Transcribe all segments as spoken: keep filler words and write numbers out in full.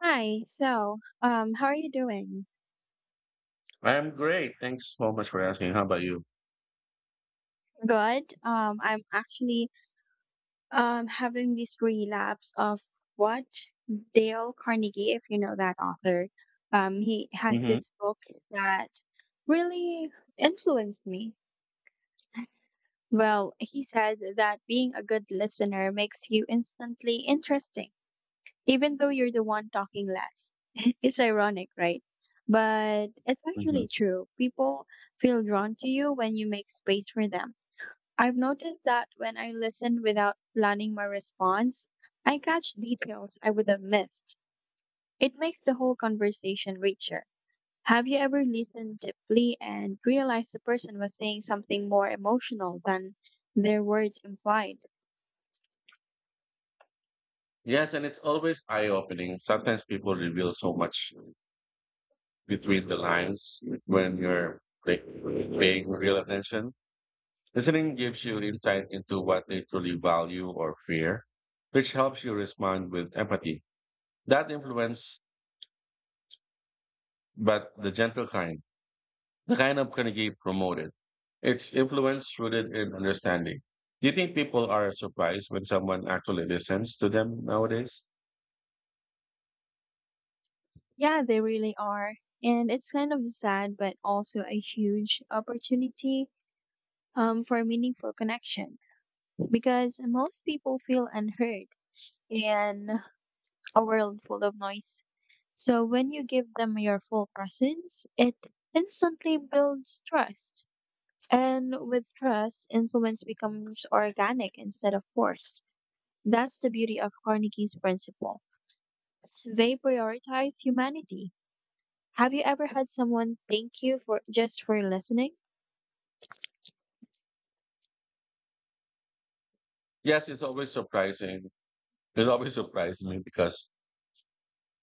Hi, so um, how are you doing? I am great. Thanks so much for asking. How about you? Good. Um, I'm actually um, having this relapse of what Dale Carnegie, if you know that author, um, he had hmm this book that really influenced me. Well, he said that being a good listener makes you instantly interesting, even though you're the one talking less. It's ironic, right? But it's hmm actually true. People feel drawn to you when you make space for them. I've noticed that when I listen without planning my response, I catch details I would have missed. It makes the whole conversation richer. Have you ever listened deeply and realized the person was saying something more emotional than their words implied? Yes, and it's always eye-opening. Sometimes people reveal so much between the lines when you're like paying real attention. Listening gives you insight into what they truly value or fear, which helps you respond with empathy. That influence, but the gentle kind, the kind of can going get promoted. It's influence rooted in understanding. Do you think people are surprised when someone actually listens to them nowadays? Yeah, they really are. And it's kind of sad, but also a huge opportunity, um, for meaningful connection, because most people feel unheard in a world full of noise. So when you give them your full presence, it instantly builds trust. And with trust, influence becomes organic instead of forced. That's the beauty of Carnegie's principle. They prioritize humanity. Have you ever had someone thank you for just for listening? Yes, it's always surprising. It's always surprised me because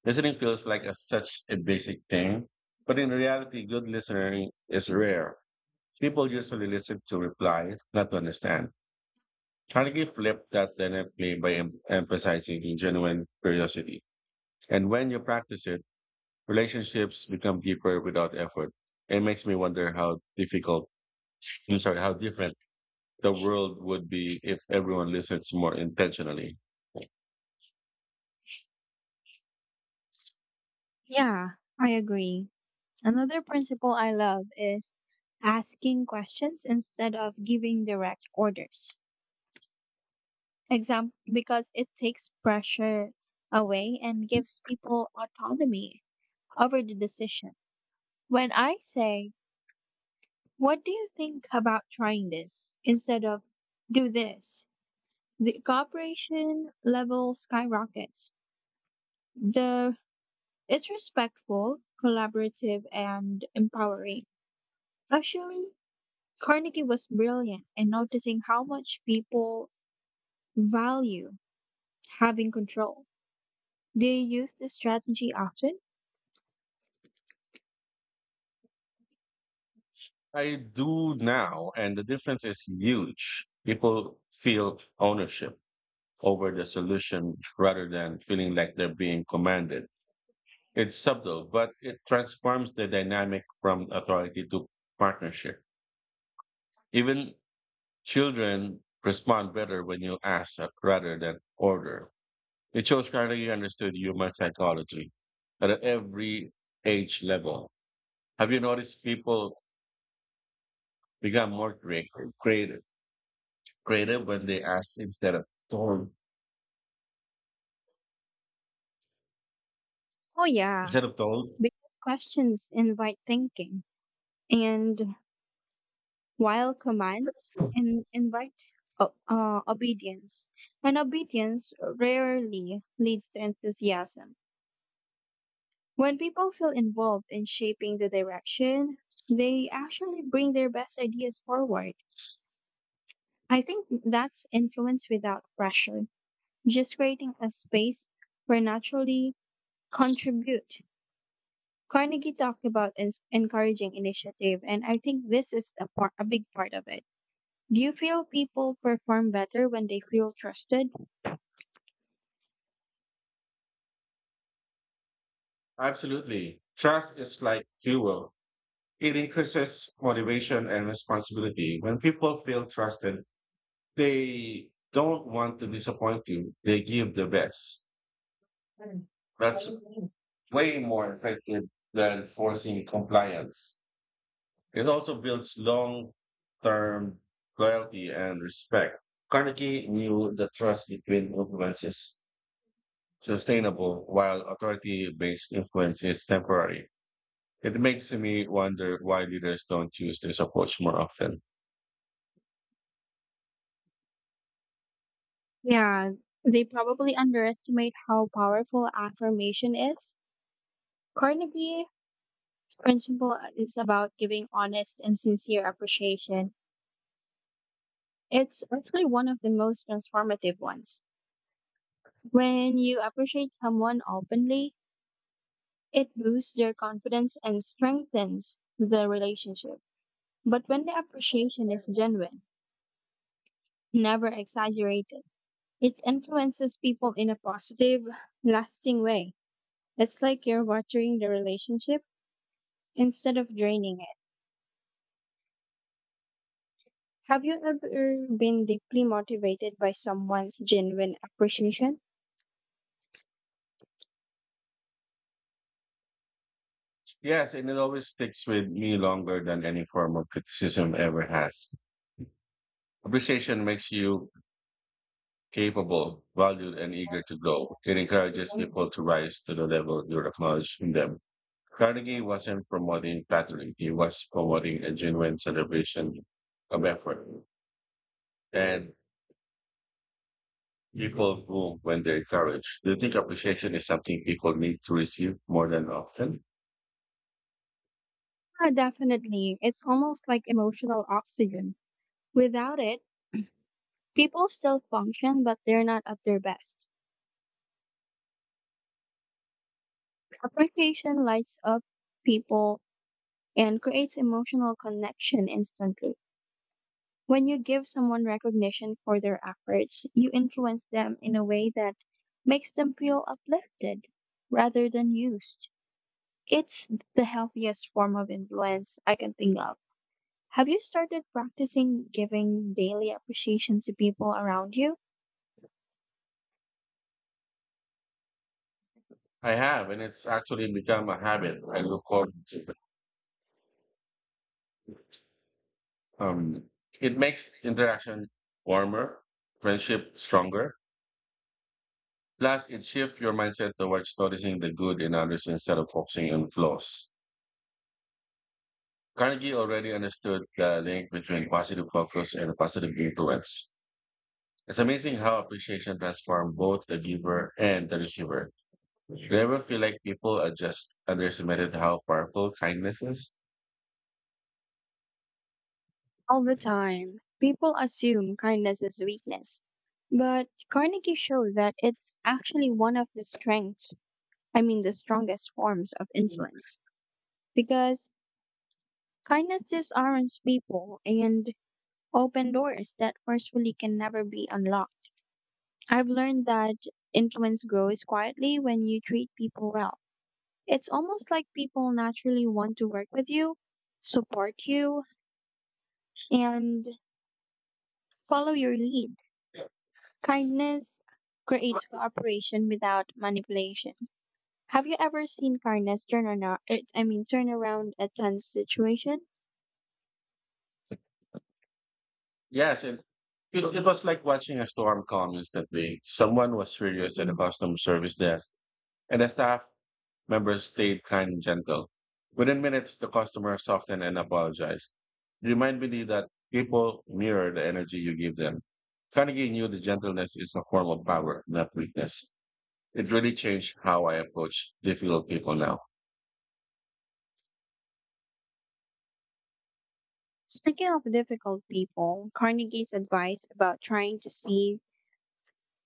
listening feels like a, such a basic thing. But in reality, good listening is rare. People usually listen to reply, not to understand. Carnegie flipped that dynamically by em- emphasizing genuine curiosity. And when you practice it, relationships become deeper without effort. It makes me wonder how difficult, I'm sorry, how different the world would be if everyone listens more intentionally. Yeah, I agree. Another principle I love is asking questions instead of giving direct orders. Exam- because it takes pressure away and gives people autonomy over the decision. When I say, "What do you think about trying this?" instead of "do this," the cooperation level skyrockets. The It's respectful, collaborative, and empowering. Actually, Carnegie was brilliant in noticing how much people value having control. Do you use this strategy often? I do now, and the difference is huge. People feel ownership over the solution rather than feeling like they're being commanded. It's subtle, but it transforms the dynamic from authority to partnership. Even children respond better when you ask uh, rather than order. It shows clearly you understood human psychology at every age level. Have you noticed people become more creative, creative creative when they ask instead of told. Oh, yeah, Instead of told, because questions invite thinking, and while commands in, invite o- uh, obedience, and obedience rarely leads to enthusiasm. When people feel involved in shaping the direction, they actually bring their best ideas forward. I think that's influence without pressure, just creating a space where naturally contribute. Carnegie talked about ins encouraging initiative, and I think this is a, part, a big part of it. Do you feel people perform better when they feel trusted? absolutely. Trust is like fuel. It increases motivation and responsibility. When people feel trusted, they don't want to disappoint you. They give their best. That's way more effective than forcing compliance. It also builds long-term loyalty and respect. Carnegie knew the trust between influences sustainable while authority based influence is temporary. It makes me wonder why leaders don't use this approach more often. Yeah, they probably underestimate how powerful affirmation is. Carnegie's principle is about giving honest and sincere appreciation. It's actually one of the most transformative ones. When you appreciate someone openly, it boosts their confidence and strengthens the relationship. But when the appreciation is genuine, never exaggerated, it influences people in a positive, lasting way. It's like you're watering the relationship instead of draining it. Have you ever been deeply motivated by someone's genuine appreciation? Yes, and it always sticks with me longer than any form of criticism ever has. Appreciation makes you capable, valued, and eager to grow. It encourages Yeah, people to rise to the level you acknowledge in them. Carnegie wasn't promoting flattery. He was promoting a genuine celebration of effort. And people bloom when they're encouraged. Do you think appreciation is something people need to receive more than often? definitely. It's almost like emotional oxygen. Without it, people still function, but they're not at their best. Appreciation lights up people and creates emotional connection instantly. When you give someone recognition for their efforts, you influence them in a way that makes them feel uplifted rather than used. It's the healthiest form of influence I can think of. Have you started practicing giving daily appreciation to people around you? I have, and it's actually become a habit I look forward to. Um, it makes interaction warmer, friendship stronger. Plus, it shifts your mindset towards noticing the good in others instead of focusing on flaws. Carnegie already understood the link between positive focus and positive influence. It's amazing how appreciation transforms both the giver and the receiver. Do you ever feel like people are just underestimated how powerful kindness is? All the time, people assume kindness is weakness, but Carnegie showed that it's actually one of the strengths, I mean, the strongest forms of influence. Because kindness disarms people and open doors that forcefully can never be unlocked. I've learned that influence grows quietly when you treat people well. It's almost like people naturally want to work with you, support you, and follow your lead. Kindness creates cooperation without manipulation. Have you ever seen kindness turn around, I mean turn around a tense situation? Yes, and it, it was like watching a storm calm instantly. Someone was furious at the customer service desk, and the staff members stayed kind and gentle. Within minutes, the customer softened and apologized. Remind me that people mirror the energy you give them. Carnegie knew the gentleness is a form of power, not weakness. It really changed how I approach difficult people now. Speaking of difficult people, Carnegie's advice about trying to see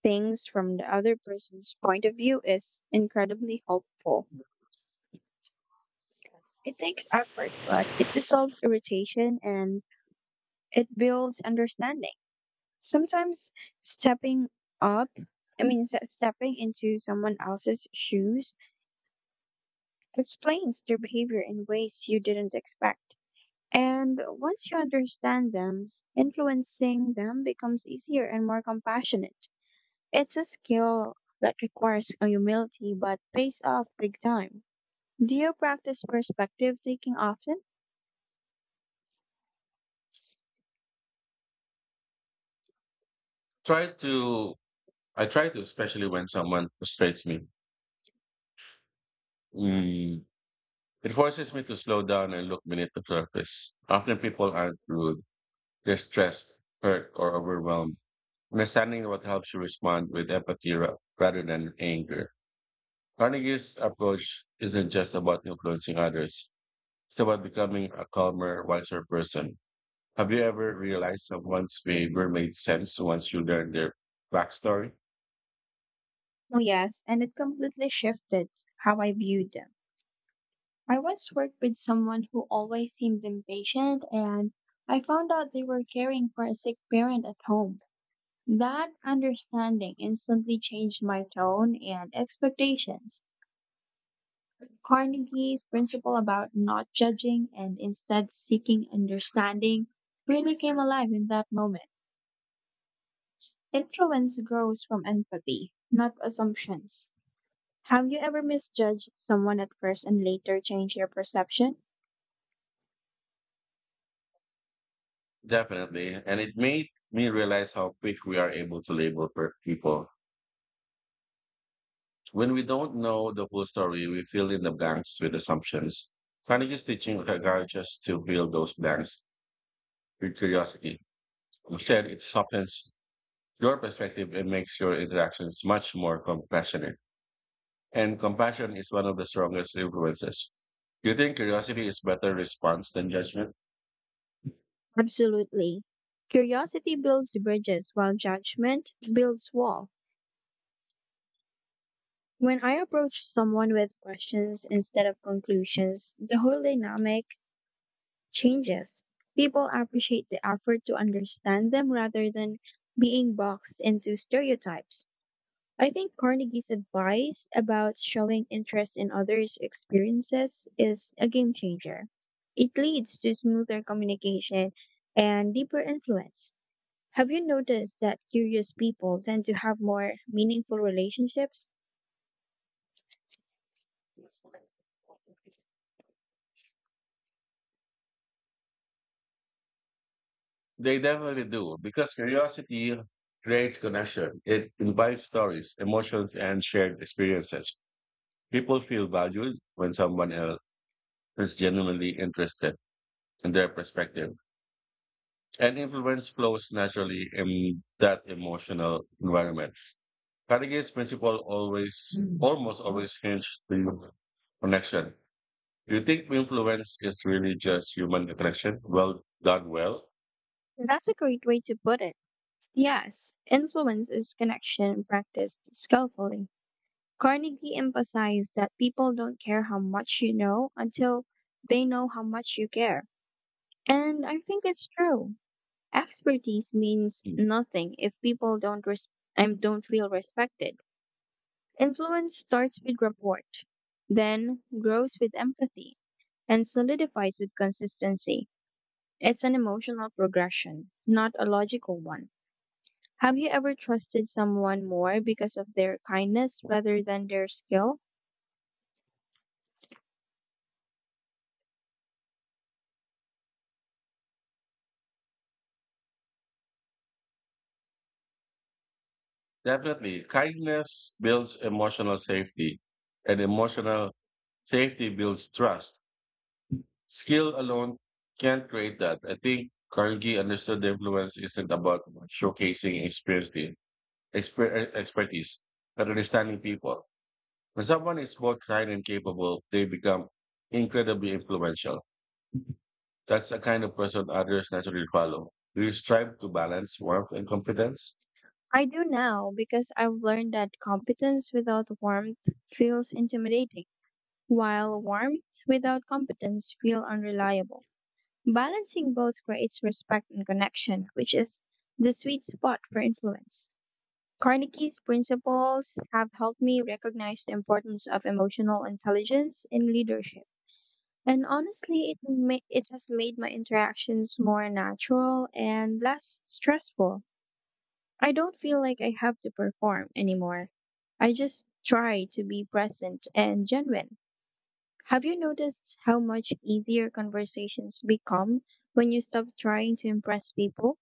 things from the other person's point of view is incredibly helpful. It takes effort, but it dissolves irritation and it builds understanding. Sometimes stepping up, I mean, se- stepping into someone else's shoes explains their behavior in ways you didn't expect. And once you understand them, influencing them becomes easier and more compassionate. It's a skill that requires a humility but pays off big time. Do you practice perspective taking often? Try to, I try to, especially when someone frustrates me. Mm, It forces me to slow down and look beneath the surface. Often people aren't rude. They're stressed, hurt, or overwhelmed. Understanding what helps you respond with empathy ra- rather than anger. Carnegie's approach isn't just about influencing others. It's about becoming a calmer, wiser person. Have you ever realized someone's behavior made sense once you learned their backstory? Oh, yes, and it completely shifted how I viewed them. I once worked with someone who always seemed impatient, and I found out they were caring for a sick parent at home. That understanding instantly changed my tone and expectations. Carnegie's principle about not judging and instead seeking understanding really came alive in that moment. Influence grows from empathy, not assumptions. Have you ever misjudged someone at first and later changed your perception? Definitely. And it made me realize how quick we are able to label per- people. When we don't know the full story, we fill in the blanks with assumptions. Carnegie's teaching requires us to fill those blanks with curiosity. Instead, it softens your perspective and makes your interactions much more compassionate. And compassion is one of the strongest influences. You think curiosity is better response than judgment? Absolutely. Curiosity builds bridges while judgment builds wall. When I approach someone with questions instead of conclusions, the whole dynamic changes. People appreciate the effort to understand them rather than being boxed into stereotypes. I think Carnegie's advice about showing interest in others' experiences is a game changer. It leads to smoother communication and deeper influence. Have you noticed that curious people tend to have more meaningful relationships? They definitely do, because curiosity creates connection. It invites stories, emotions, and shared experiences. People feel valued when someone else is genuinely interested in their perspective. And influence flows naturally in that emotional environment. Carnegie's principle always, Mm. almost always hinges the connection. Do you think influence is really just human connection? Well, done well? That's a great way to put it. Yes, influence is connection practiced skillfully. Carnegie emphasized that people don't care how much you know until they know how much you care. And I think it's true. Expertise means Mm. nothing if people don't res- and don't feel respected. Influence starts with rapport, then grows with empathy, and solidifies with consistency. It's an emotional progression, not a logical one. Have you ever trusted someone more because of their kindness rather than their skill? Definitely. Kindness builds emotional safety, and emotional safety builds trust. Skill alone can't create that. I think Carnegie understood the influence isn't about showcasing experience, the exper- expertise, but understanding people. When someone is both kind and capable, they become incredibly influential. That's the kind of person others naturally follow. Do you strive to balance warmth and competence? I do now because I've learned that competence without warmth feels intimidating, while warmth without competence feels unreliable. Balancing both creates respect and connection, which is the sweet spot for influence. Carnegie's principles have helped me recognize the importance of emotional intelligence in leadership. And honestly, it, ma- it has made my interactions more natural and less stressful. I don't feel like I have to perform anymore. I just try to be present and genuine. Have you noticed how much easier conversations become when you stop trying to impress people?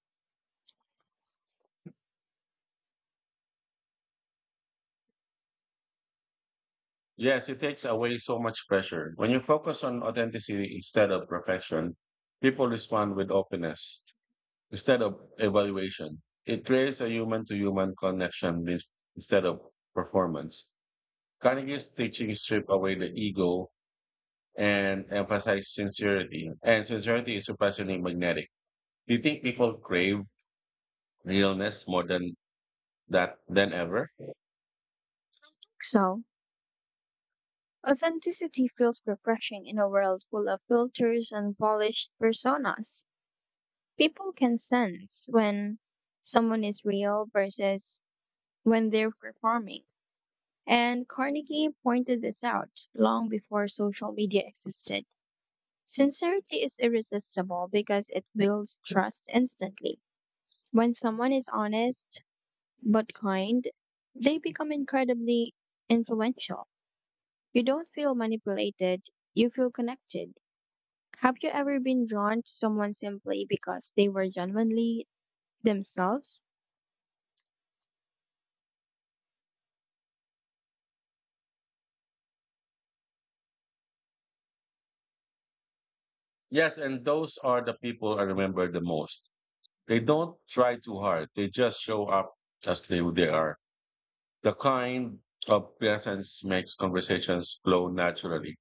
Yes, it takes away so much pressure. When you focus on authenticity instead of perfection, people respond with openness. Instead of evaluation, it creates a human to human connection list instead of performance. Carnegie's teaching strip away the ego and emphasize sincerity. And sincerity is surprisingly magnetic. Do you think people crave realness more than that than ever? So, authenticity feels refreshing in a world full of filters and polished personas. People can sense when someone is real versus when they're performing. And Carnegie pointed this out long before social media existed. Sincerity is irresistible because it builds trust instantly. When someone is honest but kind, they become incredibly influential. You don't feel manipulated, you feel connected. Have you ever been drawn to someone simply because they were genuinely themselves? Yes, and those are the people I remember the most. They don't try too hard. They just show up as they, they are. The kind of presence makes conversations flow naturally.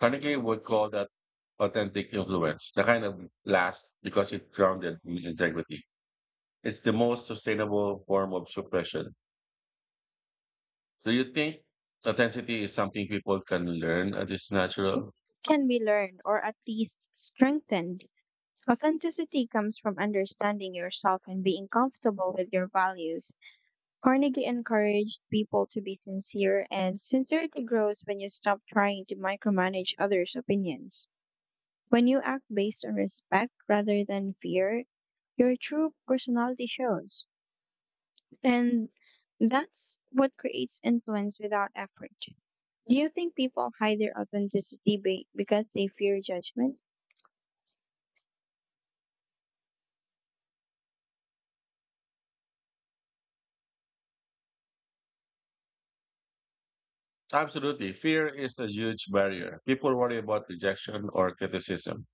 Technically, would call that authentic influence, the kind of last because it grounded in integrity. It's the most sustainable form of suppression. Do you think authenticity is something people can learn and it's natural? Can be learned or at least strengthened. Authenticity comes from understanding yourself and being comfortable with your values. Carnegie encouraged people to be sincere, and sincerity grows when you stop trying to micromanage others' opinions. When you act based on respect rather than fear, your true personality shows. And that's what creates influence without effort. Do you think people hide their authenticity be- because they fear judgment? Absolutely. Fear is a huge barrier. People worry about rejection or criticism.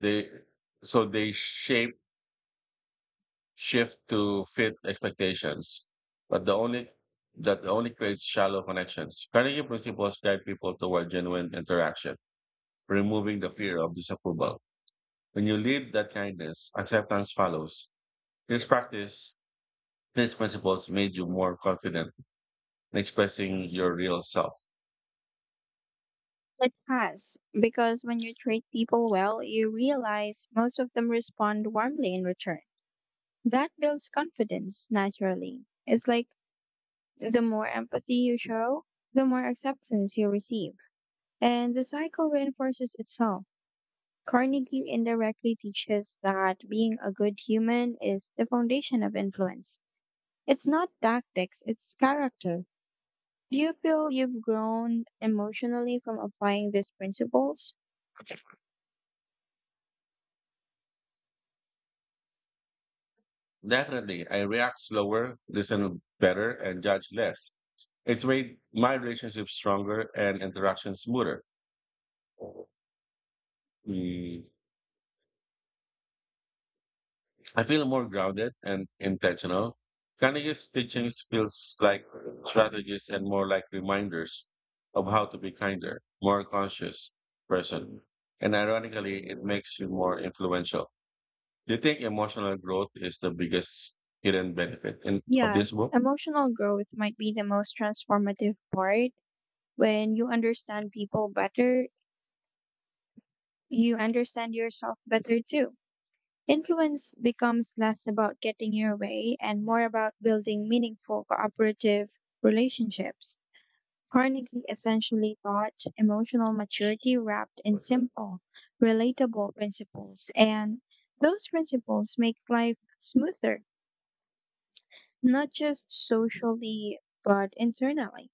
They So they shape shift to fit expectations. But the only that only creates shallow connections. Carnegie principles guide people toward genuine interaction removing the fear of disapproval. When you lead that kindness, acceptance follows. This practice, these principles made you more confident in expressing your real self. It has, because when you treat people well, you realize most of them respond warmly in return. That builds confidence naturally. It's like the more empathy you show, the more acceptance you receive. And the cycle reinforces itself. Carnegie indirectly teaches that being a good human is the foundation of influence. It's not tactics, it's character. Do you feel you've grown emotionally from applying these principles? Definitely, I react slower, listen better, and judge less. It's made my relationship stronger and interaction smoother. Mm, I feel more grounded and intentional. Carnegie's teachings feels like strategies and more like reminders of how to be kinder, more conscious person. And ironically, it makes you more influential. Do you think emotional growth is the biggest hidden benefit in, of this Yes, book? emotional growth might be the most transformative part. When you understand people better, you understand yourself better too. Influence becomes less about getting your way and more about building meaningful cooperative relationships. Carnegie essentially taught emotional maturity wrapped in simple, relatable principles, and those principles make life smoother, not just socially, but internally.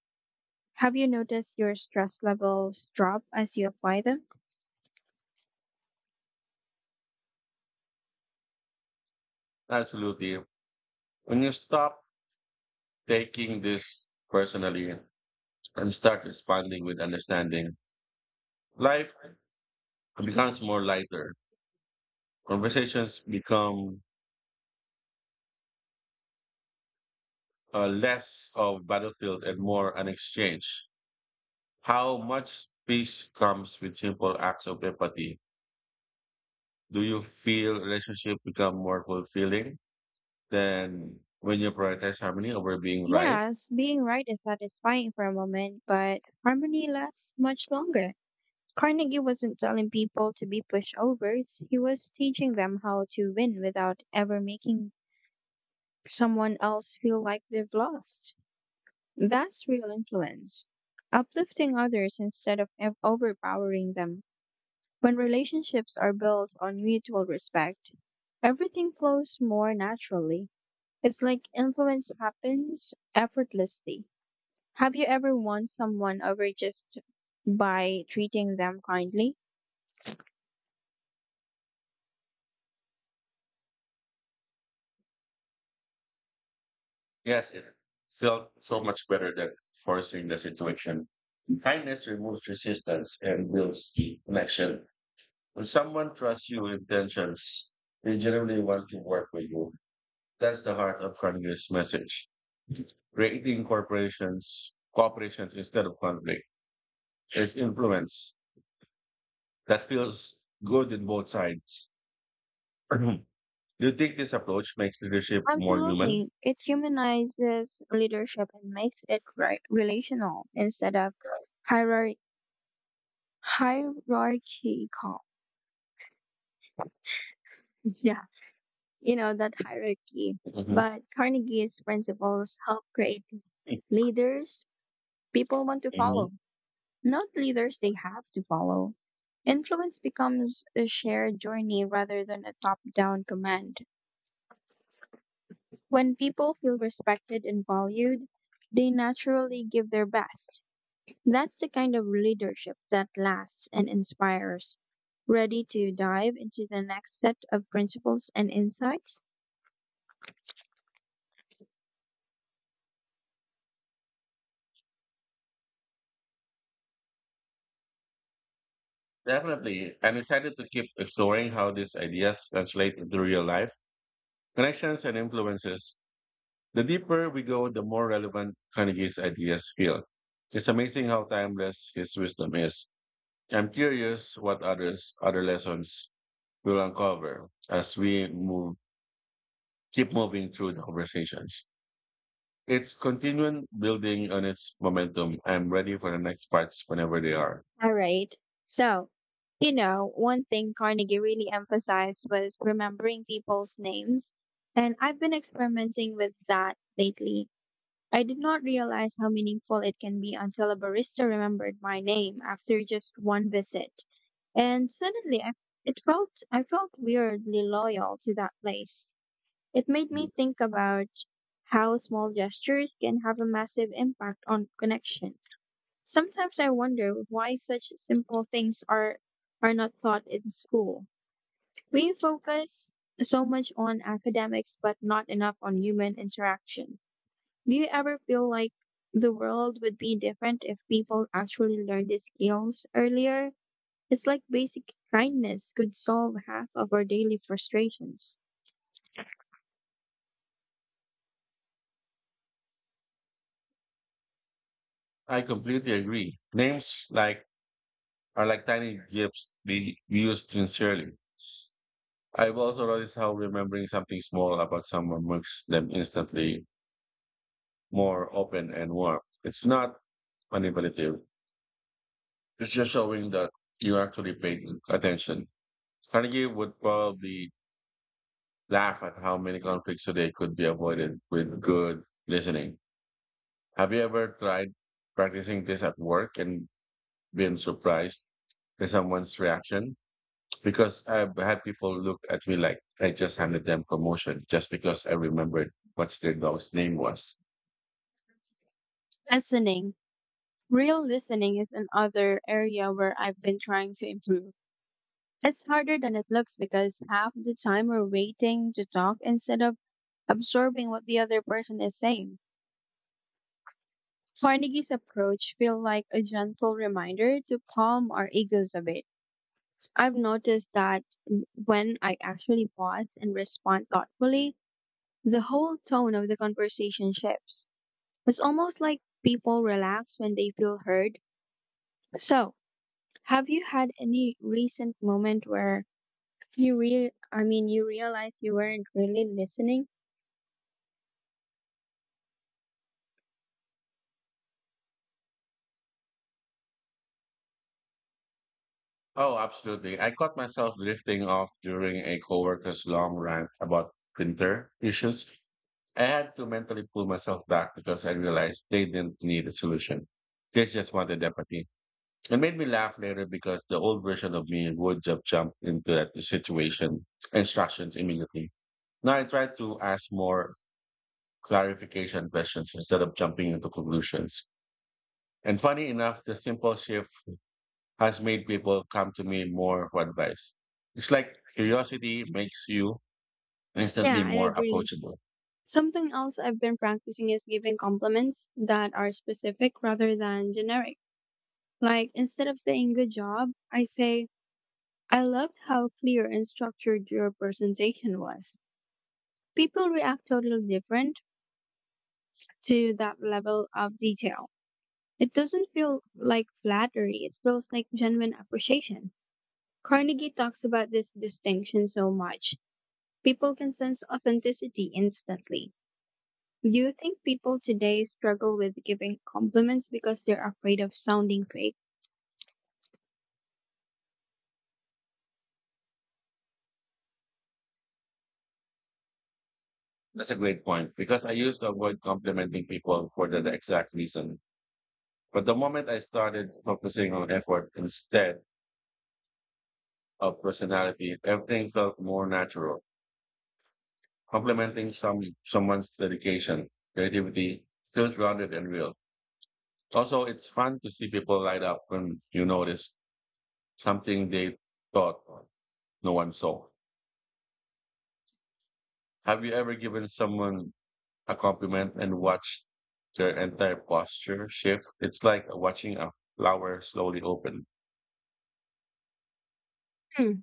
Have you noticed your stress levels drop as you apply them? Absolutely. When you stop taking this personally and start responding with understanding, life becomes more lighter. Conversations become uh, less of battlefield and more an exchange. How much peace comes with simple acts of empathy? Do you feel relationship become more fulfilling than when you prioritize harmony over being right? Yes, being right is satisfying for a moment, but harmony lasts much longer. Carnegie wasn't telling people to be pushovers, he was teaching them how to win without ever making someone else feel like they've lost. That's real influence. Uplifting others instead of ev- overpowering them. When relationships are built on mutual respect, everything flows more naturally. It's like influence happens effortlessly. Have you ever won someone over just by treating them kindly? Yes, it felt so much better than forcing the situation. Kindness removes resistance and builds connection. When someone trusts you with intentions, they generally want to work with you. That's the heart of Kanye's message. Creating corporations, cooperations instead of conflict. There's influence that feels good in both sides. Do you think this approach makes leadership more human? Absolutely. It humanizes leadership and makes it ri relational instead of hierar- hierarchical. Yeah, you know that hierarchy. Mhm. But Carnegie's principles help create leaders people want to Mhm. follow. Not leaders they have to follow. Influence becomes a shared journey rather than a top down command. When people feel respected and valued, they naturally give their best. That's the kind of leadership that lasts and inspires. Ready to dive into the next set of principles and insights? Definitely. I'm excited to keep exploring how these ideas translate into real life, connections, and influences. The deeper we go, the more relevant Carnegie's ideas feel. It's amazing how timeless his wisdom is. I'm curious what others other lessons will uncover as we move, keep moving through the conversations. It's continuing building on its momentum. I'm ready for the next parts whenever they are. All right. So, you know, one thing Carnegie really emphasized was remembering people's names. And I've been experimenting with that lately. I did not realize how meaningful it can be until a barista remembered my name after just one visit. And suddenly I, it felt, I felt weirdly loyal to that place. It made me think about how small gestures can have a massive impact on connection. Sometimes I wonder why such simple things are are not taught in school. We focus so much on academics but not enough on human interaction. Do you ever feel like the world would be different if people actually learned these skills earlier? It's like basic kindness could solve half of our daily frustrations. I completely agree. Names like are like tiny gifts we we use sincerely. I've also noticed how remembering something small about someone makes them instantly more open and warm. It's not manipulative. It's just showing that you actually paid attention. Carnegie would probably laugh at how many conflicts today could be avoided with good listening. Have you ever tried practicing this at work and been surprised by someone's reaction? Because I've had people look at me like I just handed them promotion just because I remembered what their dog's name was. Listening. Real listening is another area where I've been trying to improve. It's harder than it looks because half the time we're waiting to talk instead of absorbing what the other person is saying. Carnegie's approach feels like a gentle reminder to calm our egos a bit. I've noticed that when I actually pause and respond thoughtfully, the whole tone of the conversation shifts. It's almost like people relax when they feel heard. So, have you had any recent moment where you re- I mean you realize you weren't really listening? Oh, absolutely. I caught myself drifting off during a coworker's long rant about printer issues. I had to mentally pull myself back because I realized they didn't need a solution. They just wanted empathy. It made me laugh later because the old version of me would have jumped into that situation instructions immediately. Now I try to ask more clarification questions instead of jumping into conclusions. And funny enough, the simple shift has made people come to me more for advice. It's like curiosity makes you Yeah, instantly I more agree. approachable. Something else I've been practicing is giving compliments that are specific rather than generic. Like instead of saying good job, I say, I loved how clear and structured your presentation was. People react totally different to that level of detail. It doesn't feel like flattery, it feels like genuine appreciation. Carnegie talks about this distinction so much. People can sense authenticity instantly. Do you think people today struggle with giving compliments because they're afraid of sounding fake? That's a great point because I used to avoid complimenting people for the exact reason. But the moment I started focusing on effort instead, of personality, everything felt more natural, complementing some someone's dedication, creativity, feels grounded and real. Also, it's fun to see people light up when you notice something they thought no one saw. Have you ever given someone a compliment and watched their entire posture shift? It's like watching a flower slowly open. Hmm.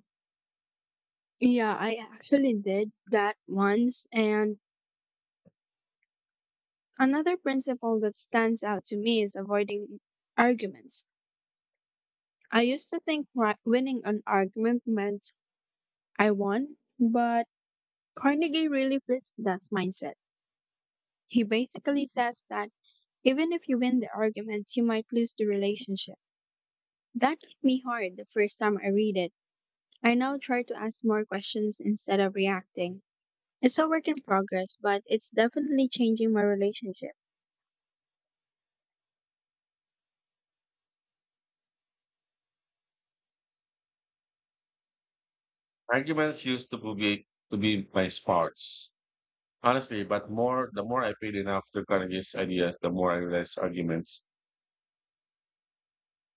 Yeah, I actually did that once. And another principle that stands out to me is avoiding arguments. I used to think ri- winning an argument meant I won, but Carnegie really flips that mindset. He basically says that even if you win the argument, you might lose the relationship. That hit me hard the first time I read it. I now try to ask more questions instead of reacting. It's a work in progress, but it's definitely changing my relationship. Arguments used to be to be my sparks. Honestly, but more the more I paid enough to Carnegie's ideas, the more I realized arguments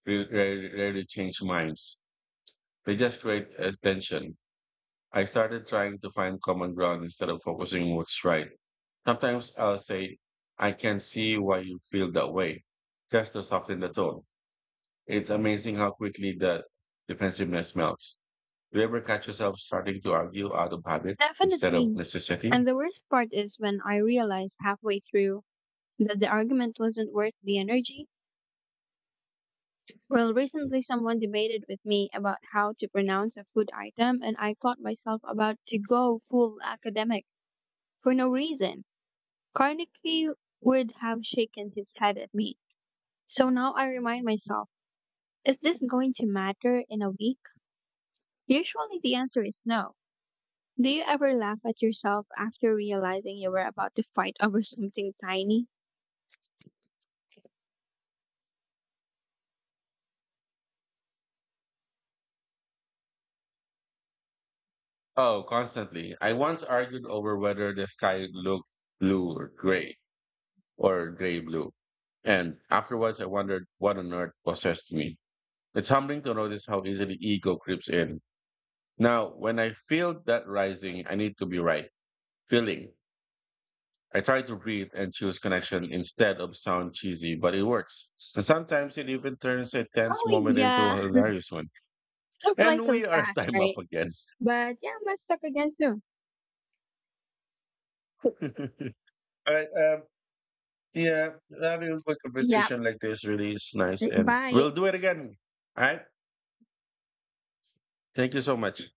re- rarely, rarely change minds. They just create a tension. I started trying to find common ground instead of focusing on what's right. Sometimes I'll say, I can see why you feel that way, just to soften the tone. It's amazing how quickly the defensiveness melts. Do you ever catch yourself starting to argue out of habit instead of Definitely. necessity? And the worst part is when I realized halfway through that the argument wasn't worth the energy. Well, recently someone debated with me about how to pronounce a food item, and I caught myself about to go full academic for no reason. Carnegie would have shaken his head at me. So now I remind myself, is this going to matter in a week? Usually the answer is no. Do you ever laugh at yourself after realizing you were about to fight over something tiny? Oh, constantly. I once argued over whether the sky looked blue or gray or gray blue. And afterwards, I wondered what on earth possessed me. It's humbling to notice how easily ego creeps in. Now, when I feel that rising, I need to be right. Feeling. I try to breathe and choose connection instead of sound cheesy, but it works. And sometimes it even turns a tense Oh moment into yeah, a hilarious one. don't fly And so we are fast, time up right? again. But yeah, let's talk again soon. All right. Um, Yeah, having a good Yeah, conversation like this really is nice, say and bye. we'll do it again. All right. Thank you so much.